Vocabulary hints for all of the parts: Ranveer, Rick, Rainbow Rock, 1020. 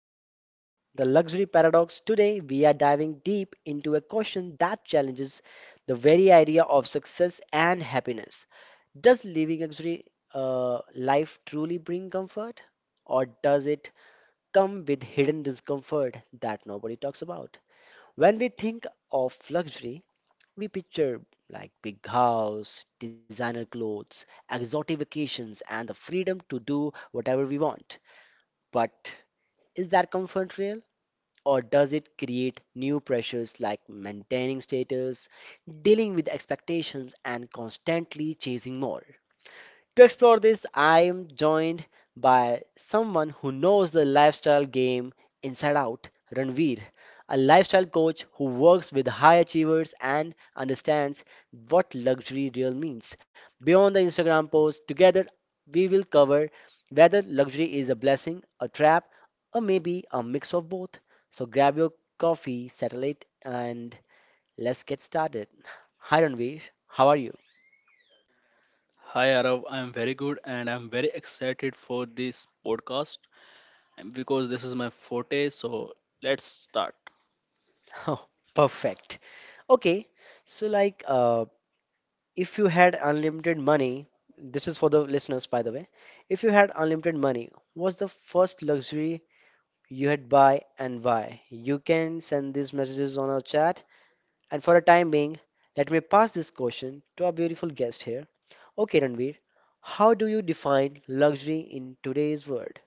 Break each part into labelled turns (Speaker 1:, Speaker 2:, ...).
Speaker 1: Discomfort, the luxury paradox. Today, we are diving deep into a question that challenges the very idea of success and happiness. Does living luxury life truly bring comfort, or does it come with hidden discomfort that nobody talks about? When we think of luxury, we picture like big house, designer clothes, exotic vacations, and the freedom to do whatever we want. But is that comfort real? Or does it create new pressures like maintaining status, dealing with expectations, and constantly chasing more? To explore this, I am joined by someone who knows the lifestyle game inside out, Ranveer, a lifestyle coach who works with high achievers and understands what luxury real means. Beyond the Instagram post, together we will cover whether luxury is a blessing, a trap, or maybe a mix of both. So grab your coffee, settle it, and let's get started. Hi Ranveer, how are you?
Speaker 2: Hi Arav, I'm very good and I'm very excited for this podcast and because this is my forte. So let's start.
Speaker 1: Oh, perfect. Okay, so like if you had unlimited money, this is for the listeners by the way. If you had unlimited money, what's the first luxury you had buy and why? You can send these messages on our chat. And for a time being, let me pass this question to our beautiful guest here. Okay, Ranveer, how do you define luxury in today's world?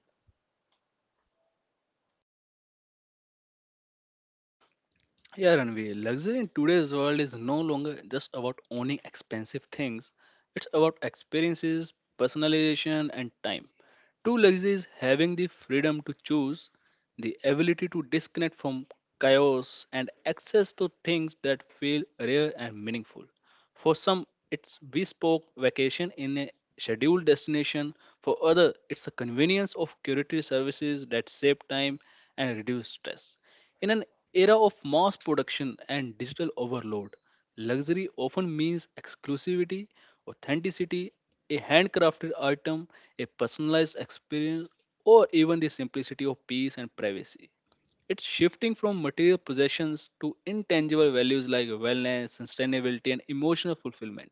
Speaker 2: Yeah, Ranveer, luxury in today's world is no longer just about owning expensive things. It's about experiences, personalization, and time. True luxury is having the freedom to choose, the ability to disconnect from chaos, and access to things that feel rare and meaningful. For some, it's bespoke vacation in a scheduled destination. For others, it's a convenience of curated services that save time and reduce stress. In an era of mass production and digital overload, luxury often means exclusivity, authenticity, a handcrafted item, a personalized experience, or even the simplicity of peace and privacy. It's shifting from material possessions to intangible values like wellness, sustainability, and emotional fulfillment.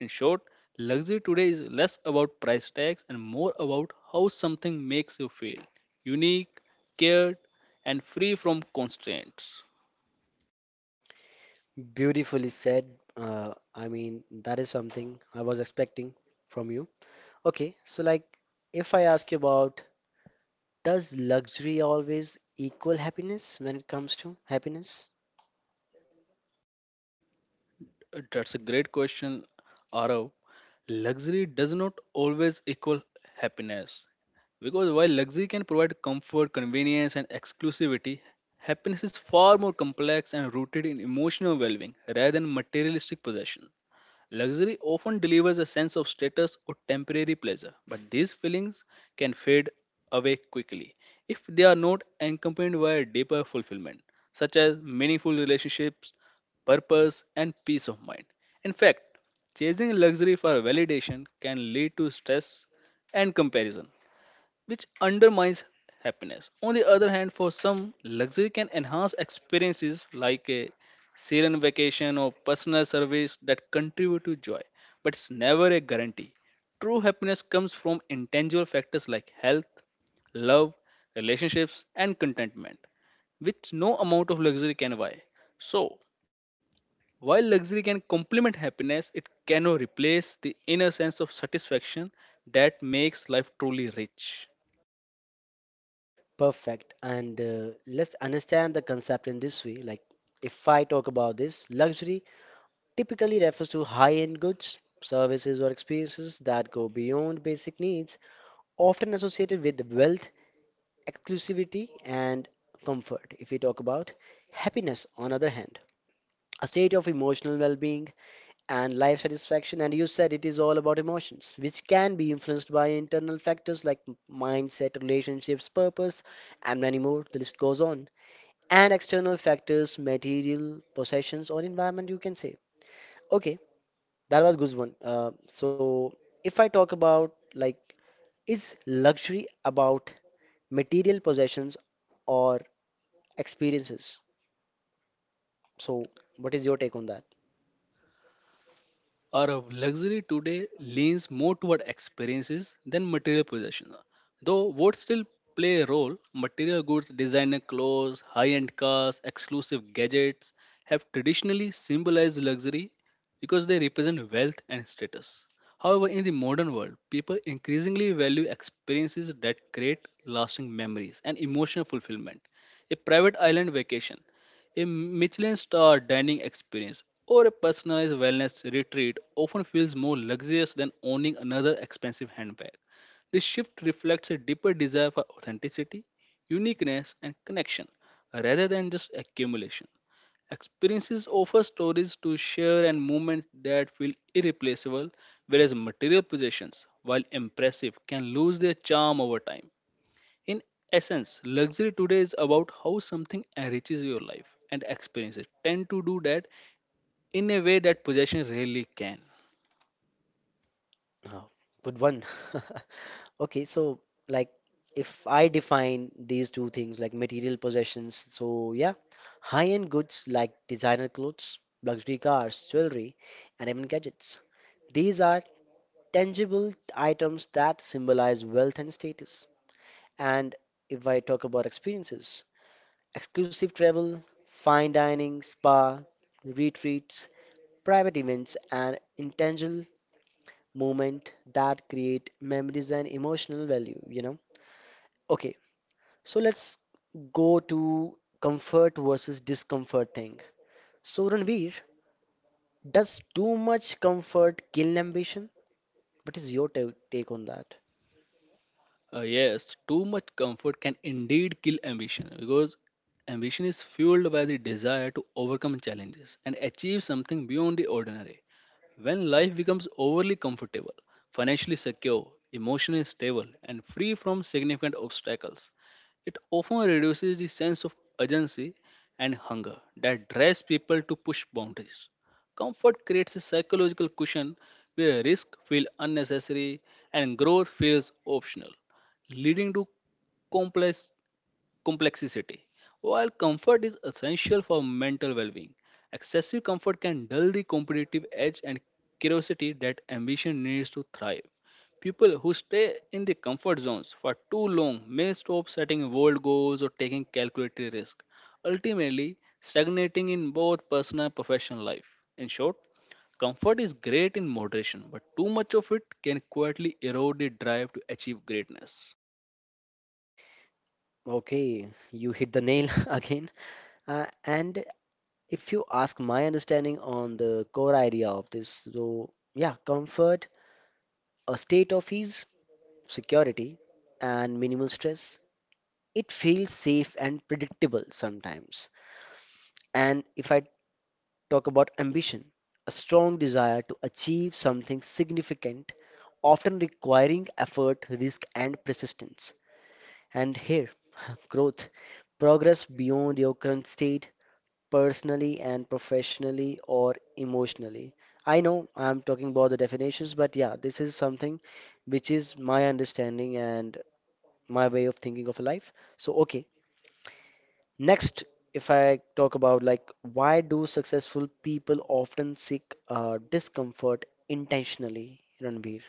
Speaker 2: In short, luxury today is less about price tags and more about how something makes you feel unique, cared, and free from constraints.
Speaker 1: Beautifully said. I mean, that is something I was expecting from you. Okay, so like if I ask you about does luxury always equal happiness when it comes to happiness?
Speaker 2: That's a great question, Arav. Luxury does not always equal happiness. Because while luxury can provide comfort, convenience, and exclusivity, happiness is far more complex and rooted in emotional well being rather than materialistic possession. Luxury often delivers a sense of status or temporary pleasure, but these feelings can fade away quickly if they are not accompanied by a deeper fulfillment, such as meaningful relationships, purpose, and peace of mind. In fact, chasing luxury for validation can lead to stress and comparison, which undermines happiness. On the other hand, for some, luxury can enhance experiences like a serene vacation or personal service that contribute to joy, but it's never a guarantee. True happiness comes from intangible factors like health, love, relationships, and contentment, which no amount of luxury can buy. So, while luxury can complement happiness, it cannot replace the inner sense of satisfaction that makes life truly rich.
Speaker 1: Perfect. And let's understand the concept in this way. Like if I talk about this, luxury typically refers to high-end goods, services, or experiences that go beyond basic needs, often associated with wealth, exclusivity, and comfort. If we talk about happiness, on other hand, a state of emotional well-being and life satisfaction. And you said it is all about emotions, which can be influenced by internal factors like mindset, relationships, purpose, and many more. The list goes on. And external factors, material possessions, or environment, you can say. Okay, that was good one. So, if I talk about like, is luxury about material possessions or experiences? So, what is your take on that?
Speaker 2: Our luxury today leans more toward experiences than material possession. Though what still play a role, material goods, designer clothes, high-end cars, exclusive gadgets have traditionally symbolized luxury because they represent wealth and status. However, in the modern world, people increasingly value experiences that create lasting memories and emotional fulfillment. A private island vacation a Michelin star dining experience or a personalized wellness retreat often feels more luxurious than owning another expensive handbag. This shift reflects a deeper desire for authenticity, uniqueness, and connection rather than just accumulation. Experiences offer stories to share and moments that feel irreplaceable, whereas material possessions, while impressive, can lose their charm over time. In essence, luxury today is about how something enriches your life and experience it. Tend to do that in a way that possession really can.
Speaker 1: Oh, good one. Okay, so like if I define these two things like material possessions, so yeah, high-end goods like designer clothes, luxury cars, jewelry, and even gadgets. These are tangible items that symbolize wealth and status. And if I talk about experiences, exclusive travel, fine dining, spa, retreats, private events, and intangible moment that create memories and emotional value, you know? Okay, so let's go to comfort versus discomfort thing. So Ranveer, does too much comfort kill ambition? What is your take on that?
Speaker 2: Yes, too much comfort can indeed kill ambition because ambition is fueled by the desire to overcome challenges and achieve something beyond the ordinary. When life becomes overly comfortable, financially secure, emotionally stable, and free from significant obstacles, it often reduces the sense of urgency and hunger that drives people to push boundaries. Comfort creates a psychological cushion where risk feels unnecessary and growth feels optional leading to complex complexity. While comfort is essential for mental well-being, excessive comfort can dull the competitive edge and curiosity that ambition needs to thrive. People who stay in the comfort zones for too long may stop setting bold goals or taking calculated risks, ultimately stagnating in both personal and professional life. In short, comfort is great in moderation, but too much of it can quietly erode the drive to achieve greatness.
Speaker 1: Okay, you hit the nail again. And if you ask my understanding on the core idea of this, so yeah, comfort, a state of ease, security, and minimal stress. It feels safe and predictable sometimes. And if I talk about ambition, a strong desire to achieve something significant, often requiring effort, risk, and persistence. And here, growth, progress beyond your current state, personally and professionally or emotionally. I know I'm talking about the definitions, but yeah, this is something which is my understanding and my way of thinking of life. So, okay, next, if I talk about like why do successful people often seek discomfort intentionally, Ranbir?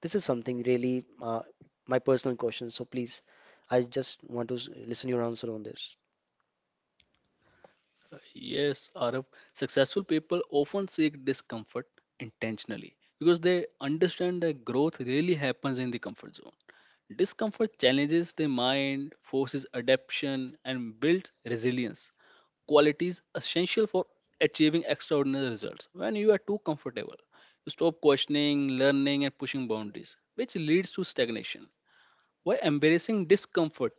Speaker 1: This is something really my personal question. So please, I just want to listen your answer on this.
Speaker 2: Yes, Arab. Successful people often seek discomfort intentionally because they understand that growth really happens in the comfort zone. Discomfort challenges the mind, forces adaptation, and builds resilience. Qualities essential for achieving extraordinary results. When you are too comfortable, you stop questioning, learning, and pushing boundaries, which leads to stagnation. By embracing discomfort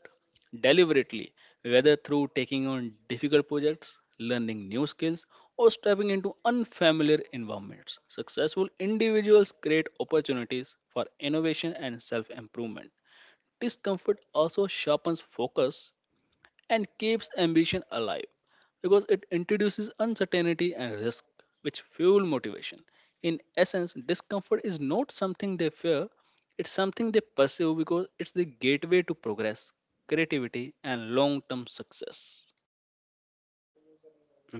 Speaker 2: deliberately, whether through taking on difficult projects, learning new skills, or stepping into unfamiliar environments, successful individuals create opportunities for innovation and self improvement. Discomfort also sharpens focus and keeps ambition alive because it introduces uncertainty and risk, which fuel motivation. In essence, discomfort is not something they fear, it's something they pursue because it's the gateway to progress, creativity, and long term success.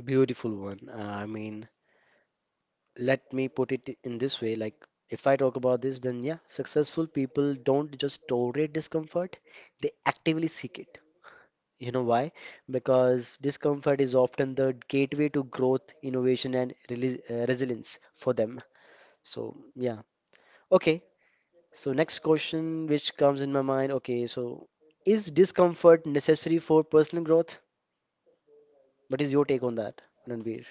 Speaker 1: Beautiful one. I mean, let me put it in this way. Like if I talk about this, then yeah, successful people don't just tolerate discomfort; they actively seek it. You know why? Because discomfort is often the gateway to growth, innovation, and resilience for them. So, yeah. Okay. So, next question which comes in my mind. Okay. So, is discomfort necessary for personal growth? What is your take on that, Ranveer?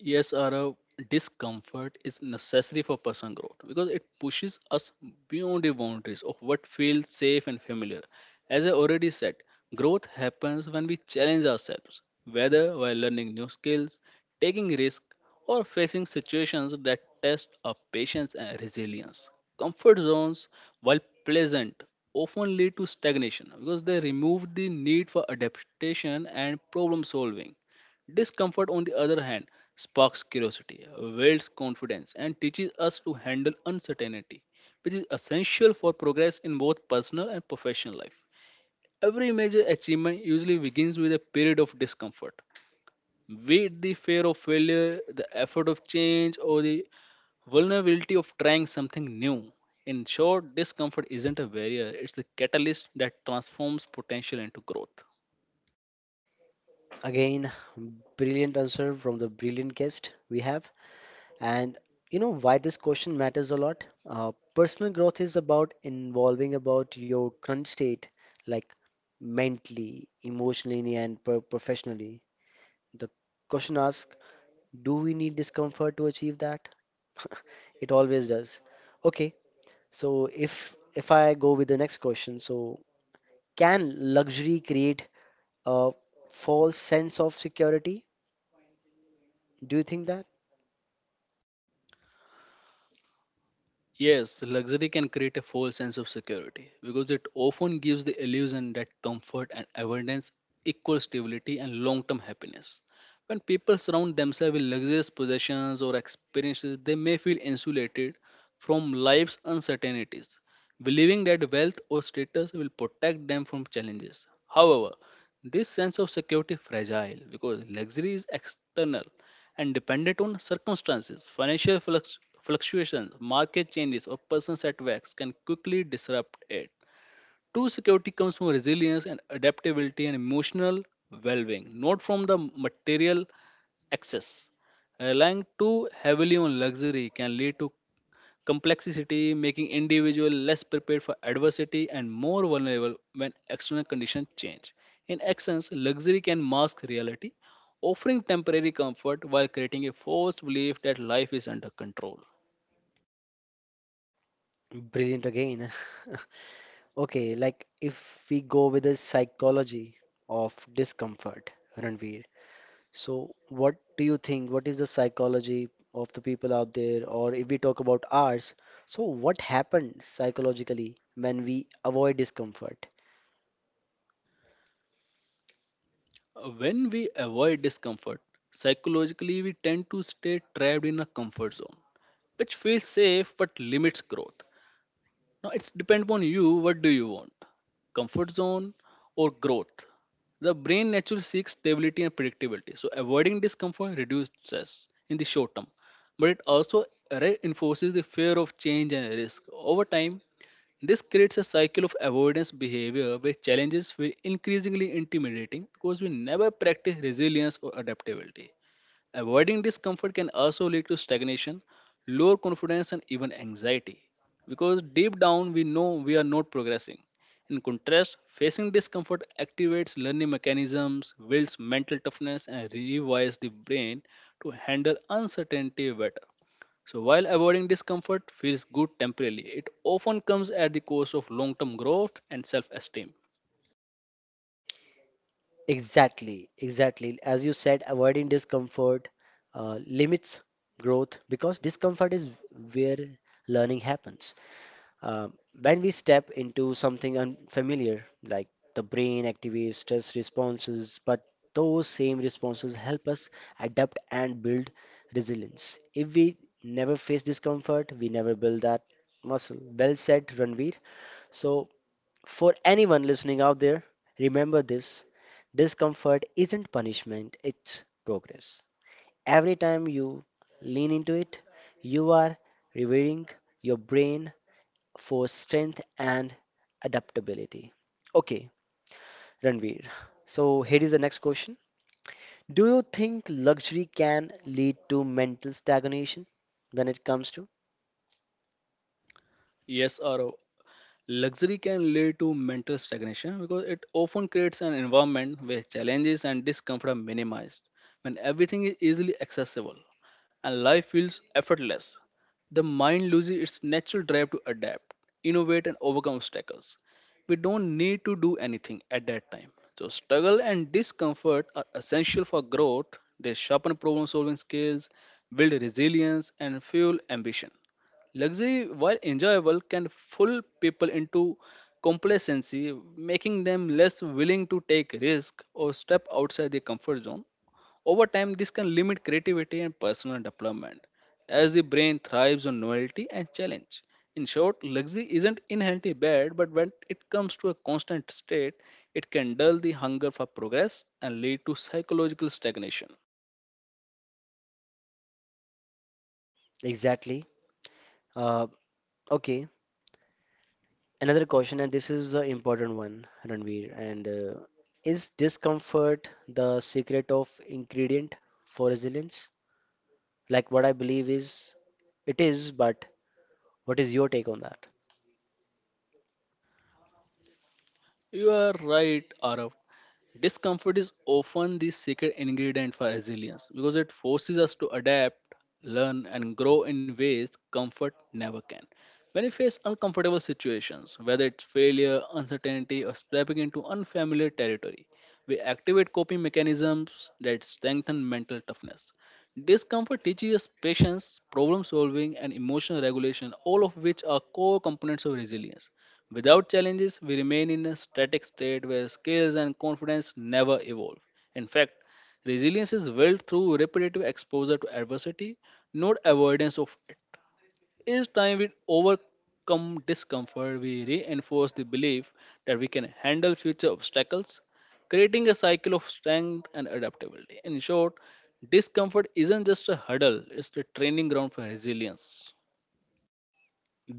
Speaker 2: Yes, Arav, discomfort is necessary for personal growth because it pushes us beyond the boundaries of what feels safe and familiar. As I already said, growth happens when we challenge ourselves, whether while learning new skills, taking risks, or facing situations that test our patience and resilience. Comfort zones, while pleasant, often lead to stagnation because they remove the need for adaptation and problem solving. Discomfort, on the other hand, sparks curiosity, builds confidence, and teaches us to handle uncertainty, which is essential for progress in both personal and professional life. Every major achievement usually begins with a period of discomfort. Be it the fear of failure, the effort of change, or the vulnerability of trying something new. In short, discomfort isn't a barrier, it's the catalyst that transforms potential into growth.
Speaker 1: Again, brilliant answer from the brilliant guest we have. And you know why this question matters a lot? Personal growth is about involving about your current state, like mentally, emotionally, and professionally. The question asks, do we need discomfort to achieve that? It always does. Okay, so if I go with the next question, so can luxury create a false sense of security? Do you think that?
Speaker 2: Yes, luxury can create a false sense of security because it often gives the illusion that comfort and abundance equal stability and long term happiness. When people surround themselves with luxurious possessions or experiences, they may feel insulated from life's uncertainties, believing that wealth or status will protect them from challenges. However, this sense of security is fragile because luxury is external and dependent on circumstances, financial fluctuations, market changes, or personal setbacks can quickly disrupt it. True security comes from resilience and adaptability and emotional well being, not from the material excess. Relying too heavily on luxury can lead to complexity, making individual less prepared for adversity and more vulnerable when external conditions change. In essence, luxury can mask reality, offering temporary comfort while creating a false belief that life is under control.
Speaker 1: Brilliant again. Okay, like if we go with the psychology of discomfort, Ranveer. So, what do you think? What is the psychology of the people out there? Or if we talk about ours, so what happens psychologically when we avoid discomfort?
Speaker 2: When we avoid discomfort, psychologically we tend to stay trapped in a comfort zone, which feels safe but limits growth. Now it's depend upon you. What do you want? Comfort zone or growth? The brain naturally seeks stability and predictability. So avoiding discomfort reduces stress in the short term, but it also reinforces the fear of change and risk. Over time, this creates a cycle of avoidance behavior where challenges feel increasingly intimidating because we never practice resilience or adaptability. Avoiding discomfort can also lead to stagnation, lower confidence, and even anxiety because deep down we know we are not progressing. In contrast, facing discomfort activates learning mechanisms, builds mental toughness, and rewires the brain to handle uncertainty better. So, while avoiding discomfort feels good temporarily, it often comes at the cost of long term growth and self esteem.
Speaker 1: Exactly, exactly. As you said, avoiding discomfort limits growth because discomfort is where learning happens. Uh, when we step into something unfamiliar, like the brain activates stress responses, but those same responses help us adapt and build resilience. If we never face discomfort, we never build that muscle. Well said, Ranveer. So, for anyone listening out there, remember this discomfort isn't punishment, it's progress. Every time you lean into it, you are rewarding your brain for strength and adaptability. Okay, Ranveer. So here is the next question. Do you think luxury can lead to mental stagnation when it comes to?
Speaker 2: Yes, Aro, luxury can lead to mental stagnation because it often creates an environment where challenges and discomfort are minimized, when everything is easily accessible and life feels effortless. The mind loses its natural drive to adapt, innovate, and overcome obstacles. We don't need to do anything at that time. So, struggle and discomfort are essential for growth. They sharpen problem solving skills, build resilience, and fuel ambition. Luxury, while enjoyable, can fool people into complacency, making them less willing to take risk or step outside their comfort zone. Over time, this can limit creativity and personal development, as the brain thrives on novelty and challenge. In short, luxury isn't inherently bad, but when it comes to a constant state, it can dull the hunger for progress and lead to psychological stagnation.
Speaker 1: Exactly. Uh, okay, another question, and this is the important one, Ranveer. And is discomfort the secret of ingredient for resilience? Like what I believe is it is, but what is your take on that?
Speaker 2: You are right, Arav. Discomfort is often the secret ingredient for resilience because it forces us to adapt, learn, and grow in ways comfort never can. When we face uncomfortable situations, whether it's failure, uncertainty, or stepping into unfamiliar territory, we activate coping mechanisms that strengthen mental toughness. Discomfort teaches us patience, problem solving, and emotional regulation, all of which are core components of resilience. Without challenges, we remain in a static state where skills and confidence never evolve. In fact, resilience is built through repetitive exposure to adversity, not avoidance of it. Each time we overcome discomfort, we reinforce the belief that we can handle future obstacles, creating a cycle of strength and adaptability. In short, discomfort isn't just a hurdle, it's the training ground for resilience.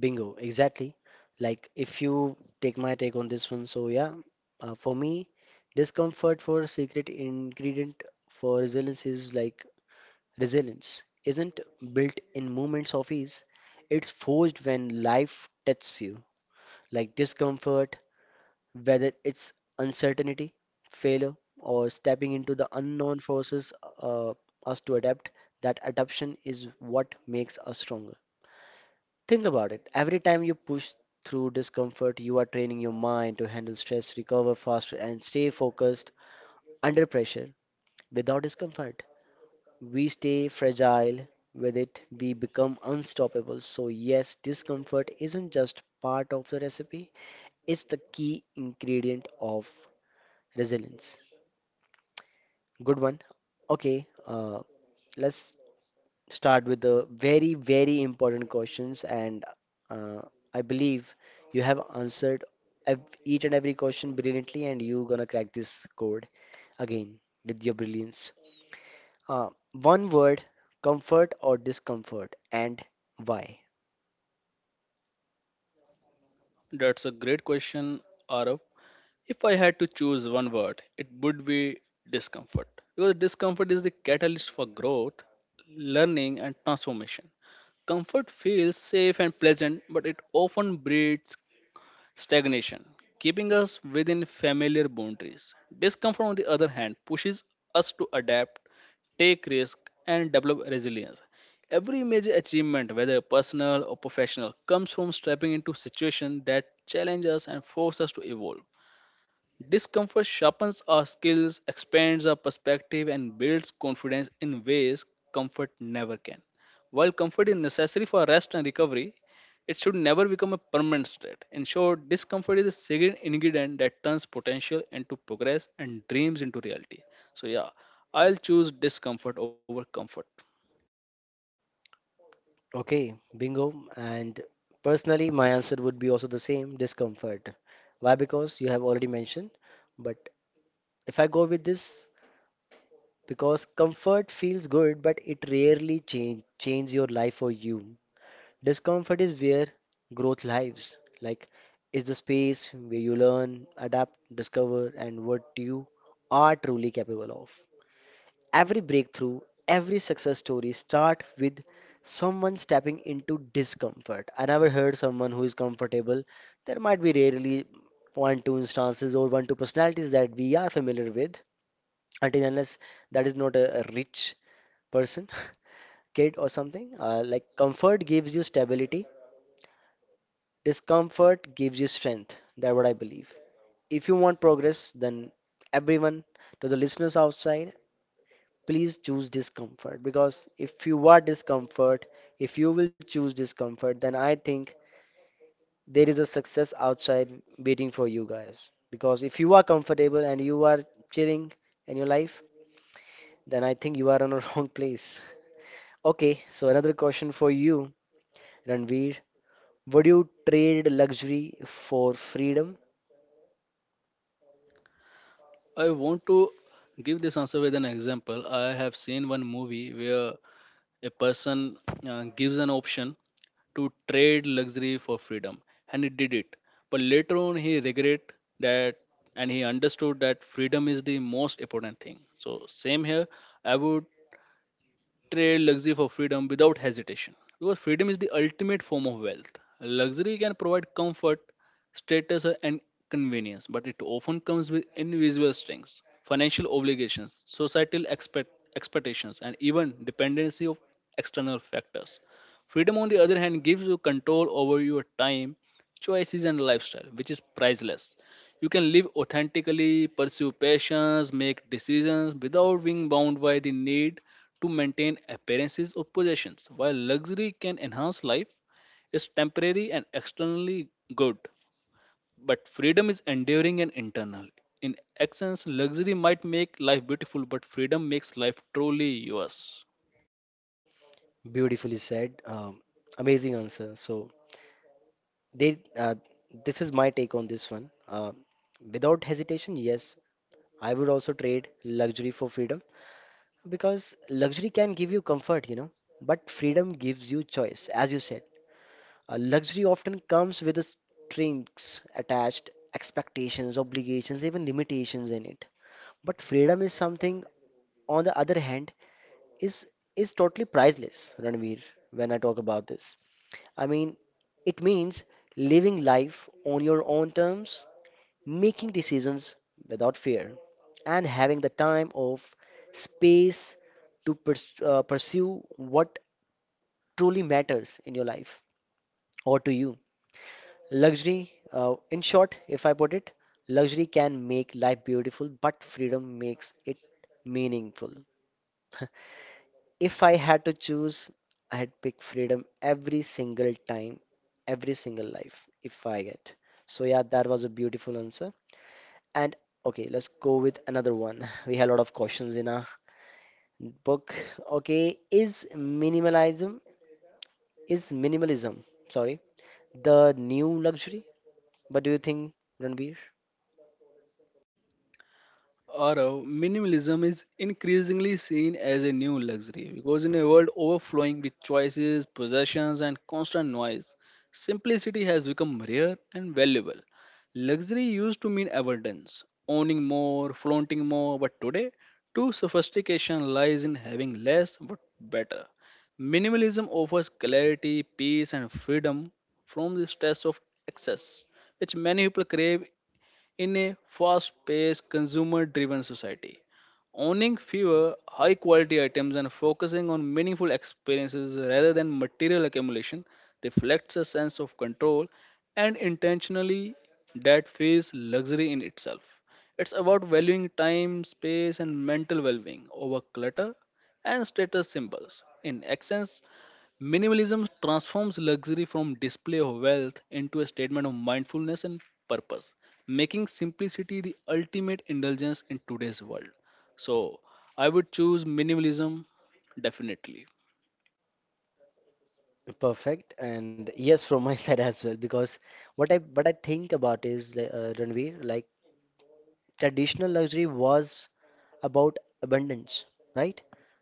Speaker 1: Bingo, exactly. Like if you take my take on this one, so yeah, for me, discomfort for secret ingredient for resilience is like resilience isn't built in moments of ease. It's forged when life tests you. Like discomfort, whether it's uncertainty, failure, or stepping into the unknown forces uh, us to adapt, that adaptation is what makes us stronger. Think about it. Every time you push through discomfort, you are training your mind to handle stress, recover faster, and stay focused under pressure. Without discomfort, we stay fragile. With it, we become unstoppable. So, yes, discomfort isn't just part of the recipe, it's the key ingredient of resilience. Good one. Okay, let's start with the very, very important questions, and uh, I believe you have answered ev each and every question brilliantly, and you gonna crack this code again with your brilliance. Uh, One word, comfort or discomfort, and why?
Speaker 2: That's a great question, Arav. If I had to choose one word, it would be discomfort. Because discomfort is the catalyst for growth, learning, and transformation. Comfort feels safe and pleasant, but it often breeds stagnation, keeping us within familiar boundaries. Discomfort, on the other hand, pushes us to adapt, take risks, and develop resilience. Every major achievement, whether personal or professional, comes from stepping into situations that challenge us and force us to evolve. Discomfort sharpens our skills, expands our perspective, and builds confidence in ways comfort never can. While comfort is necessary for rest and recovery, it should never become a permanent state. In short, discomfort is a second ingredient that turns potential into progress and dreams into reality. So, yeah, I'll choose discomfort over comfort.
Speaker 1: Okay, bingo. And personally, my answer would be also the same, discomfort. Why? Because you have already mentioned. But if I go with this, because comfort feels good, but it rarely change your life for you. Discomfort is where growth lives. Like is the space where you learn, adapt, discover, and what you are truly capable of. Every breakthrough, every success story start with someone stepping into discomfort. I never heard someone who is comfortable. There might be rarely one two instances or one two personalities that we are familiar with until unless that is not a rich person, kid or something. Like comfort gives you stability, discomfort gives you strength. That's what I believe. If you want progress, then everyone, to the listeners outside, please choose discomfort because if you are discomfort, if you will choose discomfort, then I think there is a success outside waiting for you guys. Because if you are comfortable and you are chilling in your life, then I think you are on a wrong place. Okay, so another question for you, Ranveer. Would you trade luxury for freedom?
Speaker 2: I want to give this answer with an example. I have seen one movie where a person gives an option to trade luxury for freedom and he did it but later on he regret that and he understood that freedom is the most important thing, so same here I would trade luxury for freedom without hesitation because freedom is the ultimate form of wealth. Luxury can provide comfort, status, and convenience, but it often comes with invisible strings, financial obligations, societal expectations, and even dependency of external factors. Freedom, on the other hand, gives you control over your time, choices, and lifestyle, which is priceless. You can live authentically, pursue passions, make decisions without being bound by the need to maintain appearances or possessions. While luxury can enhance life, it's temporary and externally good, but freedom is enduring and internal. In essence, luxury might make life beautiful, but freedom makes life truly yours.
Speaker 1: Beautifully said. Amazing answer. So they, this is my take on this one. Without hesitation, yes, I would also trade luxury for freedom because luxury can give you comfort, you know, but freedom gives you choice, as you said. Luxury often comes with the strings attached, expectations, obligations, even limitations in it. But freedom is something, on the other hand, is is totally priceless, Ranveer, when I talk about this. I mean, it means living life on your own terms, making decisions without fear, and having the time of space to pursue what truly matters in your life or to you. Luxury, in short, if I put it, luxury can make life beautiful, but freedom makes it meaningful. If I had to choose, I had pick freedom every single time, every single life, if I get. So, yeah, that was a beautiful answer. And okay, let's go with another one. We have a lot of questions in our book. Okay, is minimalism, sorry, the new luxury? What do you think, Ranbir?
Speaker 2: Aurav, minimalism is increasingly seen as a new luxury because in a world overflowing with choices, possessions, and constant noise, simplicity has become rare and valuable. Luxury used to mean abundance, owning more, flaunting more, but today, true sophistication lies in having less but better. Minimalism offers clarity, peace, and freedom from the stress of excess, which many people crave in a fast paced, consumer driven society. Owning fewer high quality items and focusing on meaningful experiences rather than material accumulation reflects a sense of control and intentionally that feels luxury in itself. It's about valuing time, space, and mental well being over clutter and status symbols. In essence, minimalism transforms luxury from display of wealth into a statement of mindfulness and purpose, making simplicity the ultimate indulgence in today's world. So, I would choose minimalism definitely.
Speaker 1: Perfect. And yes, from my side as well, because what I think about is Ranveer, like traditional luxury was about abundance, right?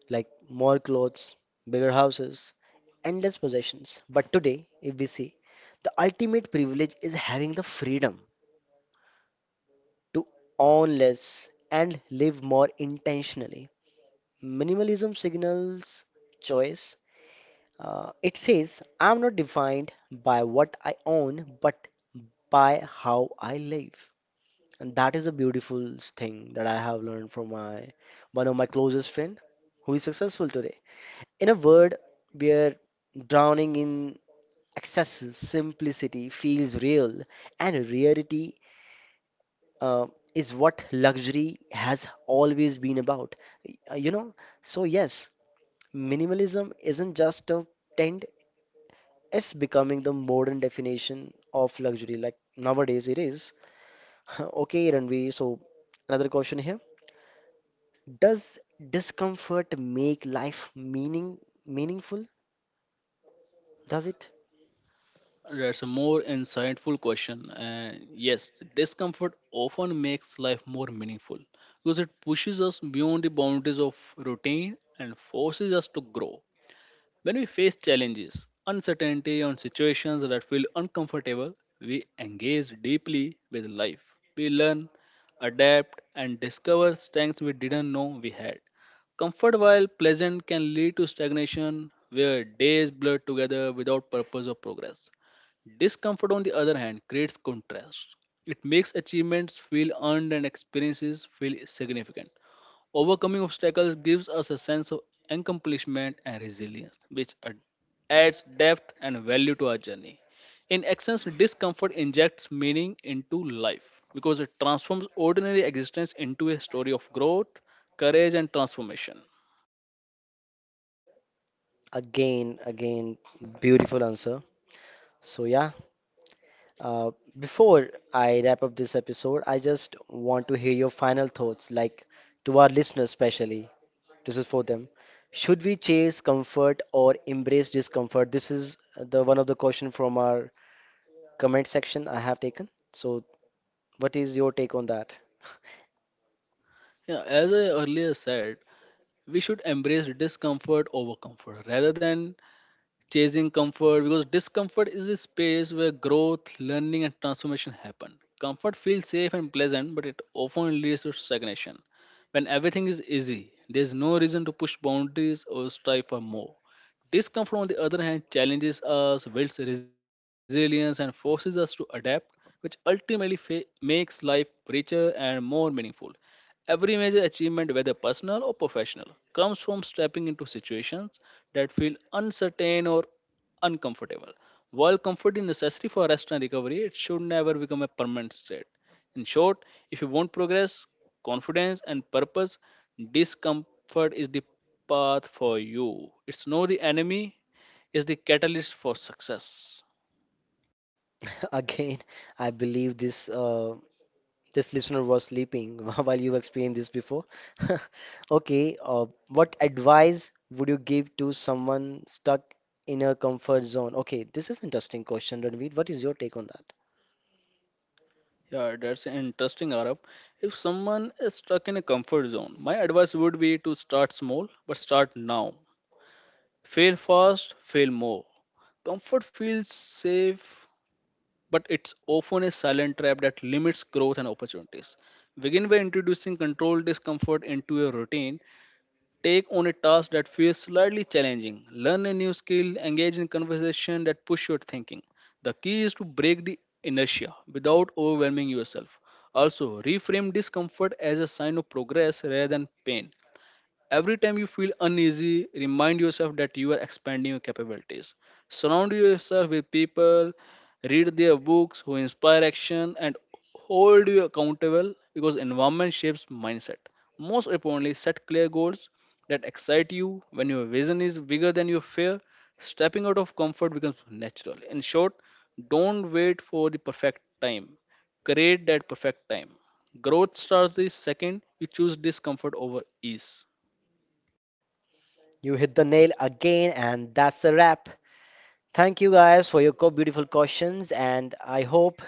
Speaker 1: Like more clothes, bigger houses, endless possessions. But today, if we see, the ultimate privilege is having the freedom to own less and live more intentionally. Minimalism signals choice. It says, I'm not defined by what I own, but by how I live. And that is the beautiful thing that I have learned from my one of my closest friend who is successful today. In a word, we're drowning in excessive simplicity feels real, and rarity uh, is what luxury has always been about. You know, so yes, minimalism isn't just a trend, it's becoming the modern definition of luxury. Like nowadays, it is. Okay, Ranveer, so another question here. Does discomfort make life meaningful? Does it?
Speaker 2: That's a more insightful question. And yes, discomfort often makes life more meaningful because it pushes us beyond the boundaries of routine and forces us to grow. When we face challenges, uncertainty, on situations that feel uncomfortable, we engage deeply with life. We learn, adapt, and discover strengths we didn't know we had. Comfort, while pleasant, can lead to stagnation where days blur together without purpose or progress. Discomfort, on the other hand, creates contrast. It makes achievements feel earned and experiences feel significant. Overcoming obstacles gives us a sense of accomplishment and resilience, which adds depth and value to our journey. In essence, discomfort injects meaning into life because it transforms ordinary existence into a story of growth, courage, and transformation.
Speaker 1: Again, again, beautiful answer. So, yeah, uh, before I wrap up this episode, I just want to hear your final thoughts, like to our listeners, especially. This is for them. Should we chase comfort or embrace discomfort? This is the one of the question from our comment section I have taken. So, what is your take on that?
Speaker 2: Yeah, as I earlier said, we should embrace discomfort over comfort rather than chasing comfort because discomfort is the space where growth, learning, and transformation happen. Comfort feels safe and pleasant, but it often leads to stagnation. When everything is easy, there's no reason to push boundaries or strive for more. Discomfort, on the other hand, challenges us, builds resilience, and forces us to adapt, which ultimately makes life richer and more meaningful. Every major achievement, whether personal or professional, comes from stepping into situations that feel uncertain or uncomfortable. While comfort is necessary for rest and recovery, it should never become a permanent state. In short, if you want progress, confidence, and purpose, discomfort is the path for you. It's not the enemy, it's the catalyst for success.
Speaker 1: Again, I believe this listener was sleeping while you explained this before. Okay, what advice would you give to someone stuck in a comfort zone? Okay, this is interesting question, Ranveer. What is your take on that?
Speaker 2: Yeah, that's interesting, Arab. If someone is stuck in a comfort zone, my advice would be to start small, but start now. Fail fast, fail more. Comfort feels safe, but it's often a silent trap that limits growth and opportunities. Begin by introducing controlled discomfort into your routine. Take on a task that feels slightly challenging. Learn a new skill, engage in conversation that push your thinking. The key is to break the inertia without overwhelming yourself. Also, reframe discomfort as a sign of progress rather than pain. Every time you feel uneasy, remind yourself that you are expanding your capabilities. Surround yourself with people, read their books who inspire action, and hold you accountable because environment shapes mindset. Most importantly, set clear goals that excite you when your vision is bigger than your fear. Stepping out of comfort becomes natural. In short, don't wait for the perfect time, create that perfect time. Growth starts the second you choose discomfort over ease.
Speaker 1: You hit the nail again, and that's a wrap. Thank you guys for your co beautiful questions, and I hope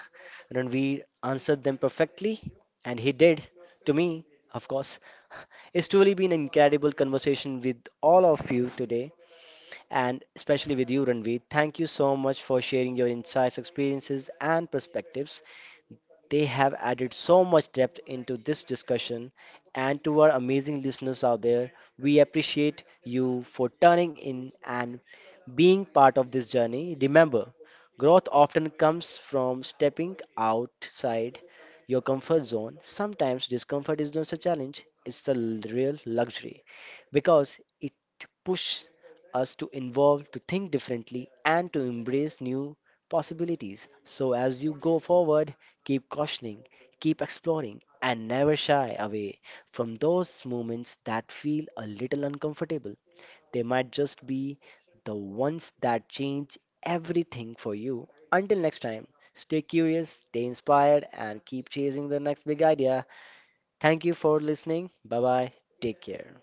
Speaker 1: Ranveer answered them perfectly, and he did. To me, of course. It's truly been an incredible conversation with all of you today. And especially with you, Ranveer. Thank you so much for sharing your insights, experiences, and perspectives. They have added so much depth into this discussion, and to our amazing listeners out there, we appreciate you for turning in and being part of this journey. Remember, growth often comes from stepping outside your comfort zone. Sometimes discomfort is not a challenge, it's a real luxury because it pushes us to evolve, to think differently, and to embrace new possibilities. So, as you go forward, keep questioning, keep exploring, and never shy away from those moments that feel a little uncomfortable. They might just be the ones that change everything for you. Until next time, stay curious, stay inspired, and keep chasing the next big idea. Thank you for listening. Bye bye. Take care.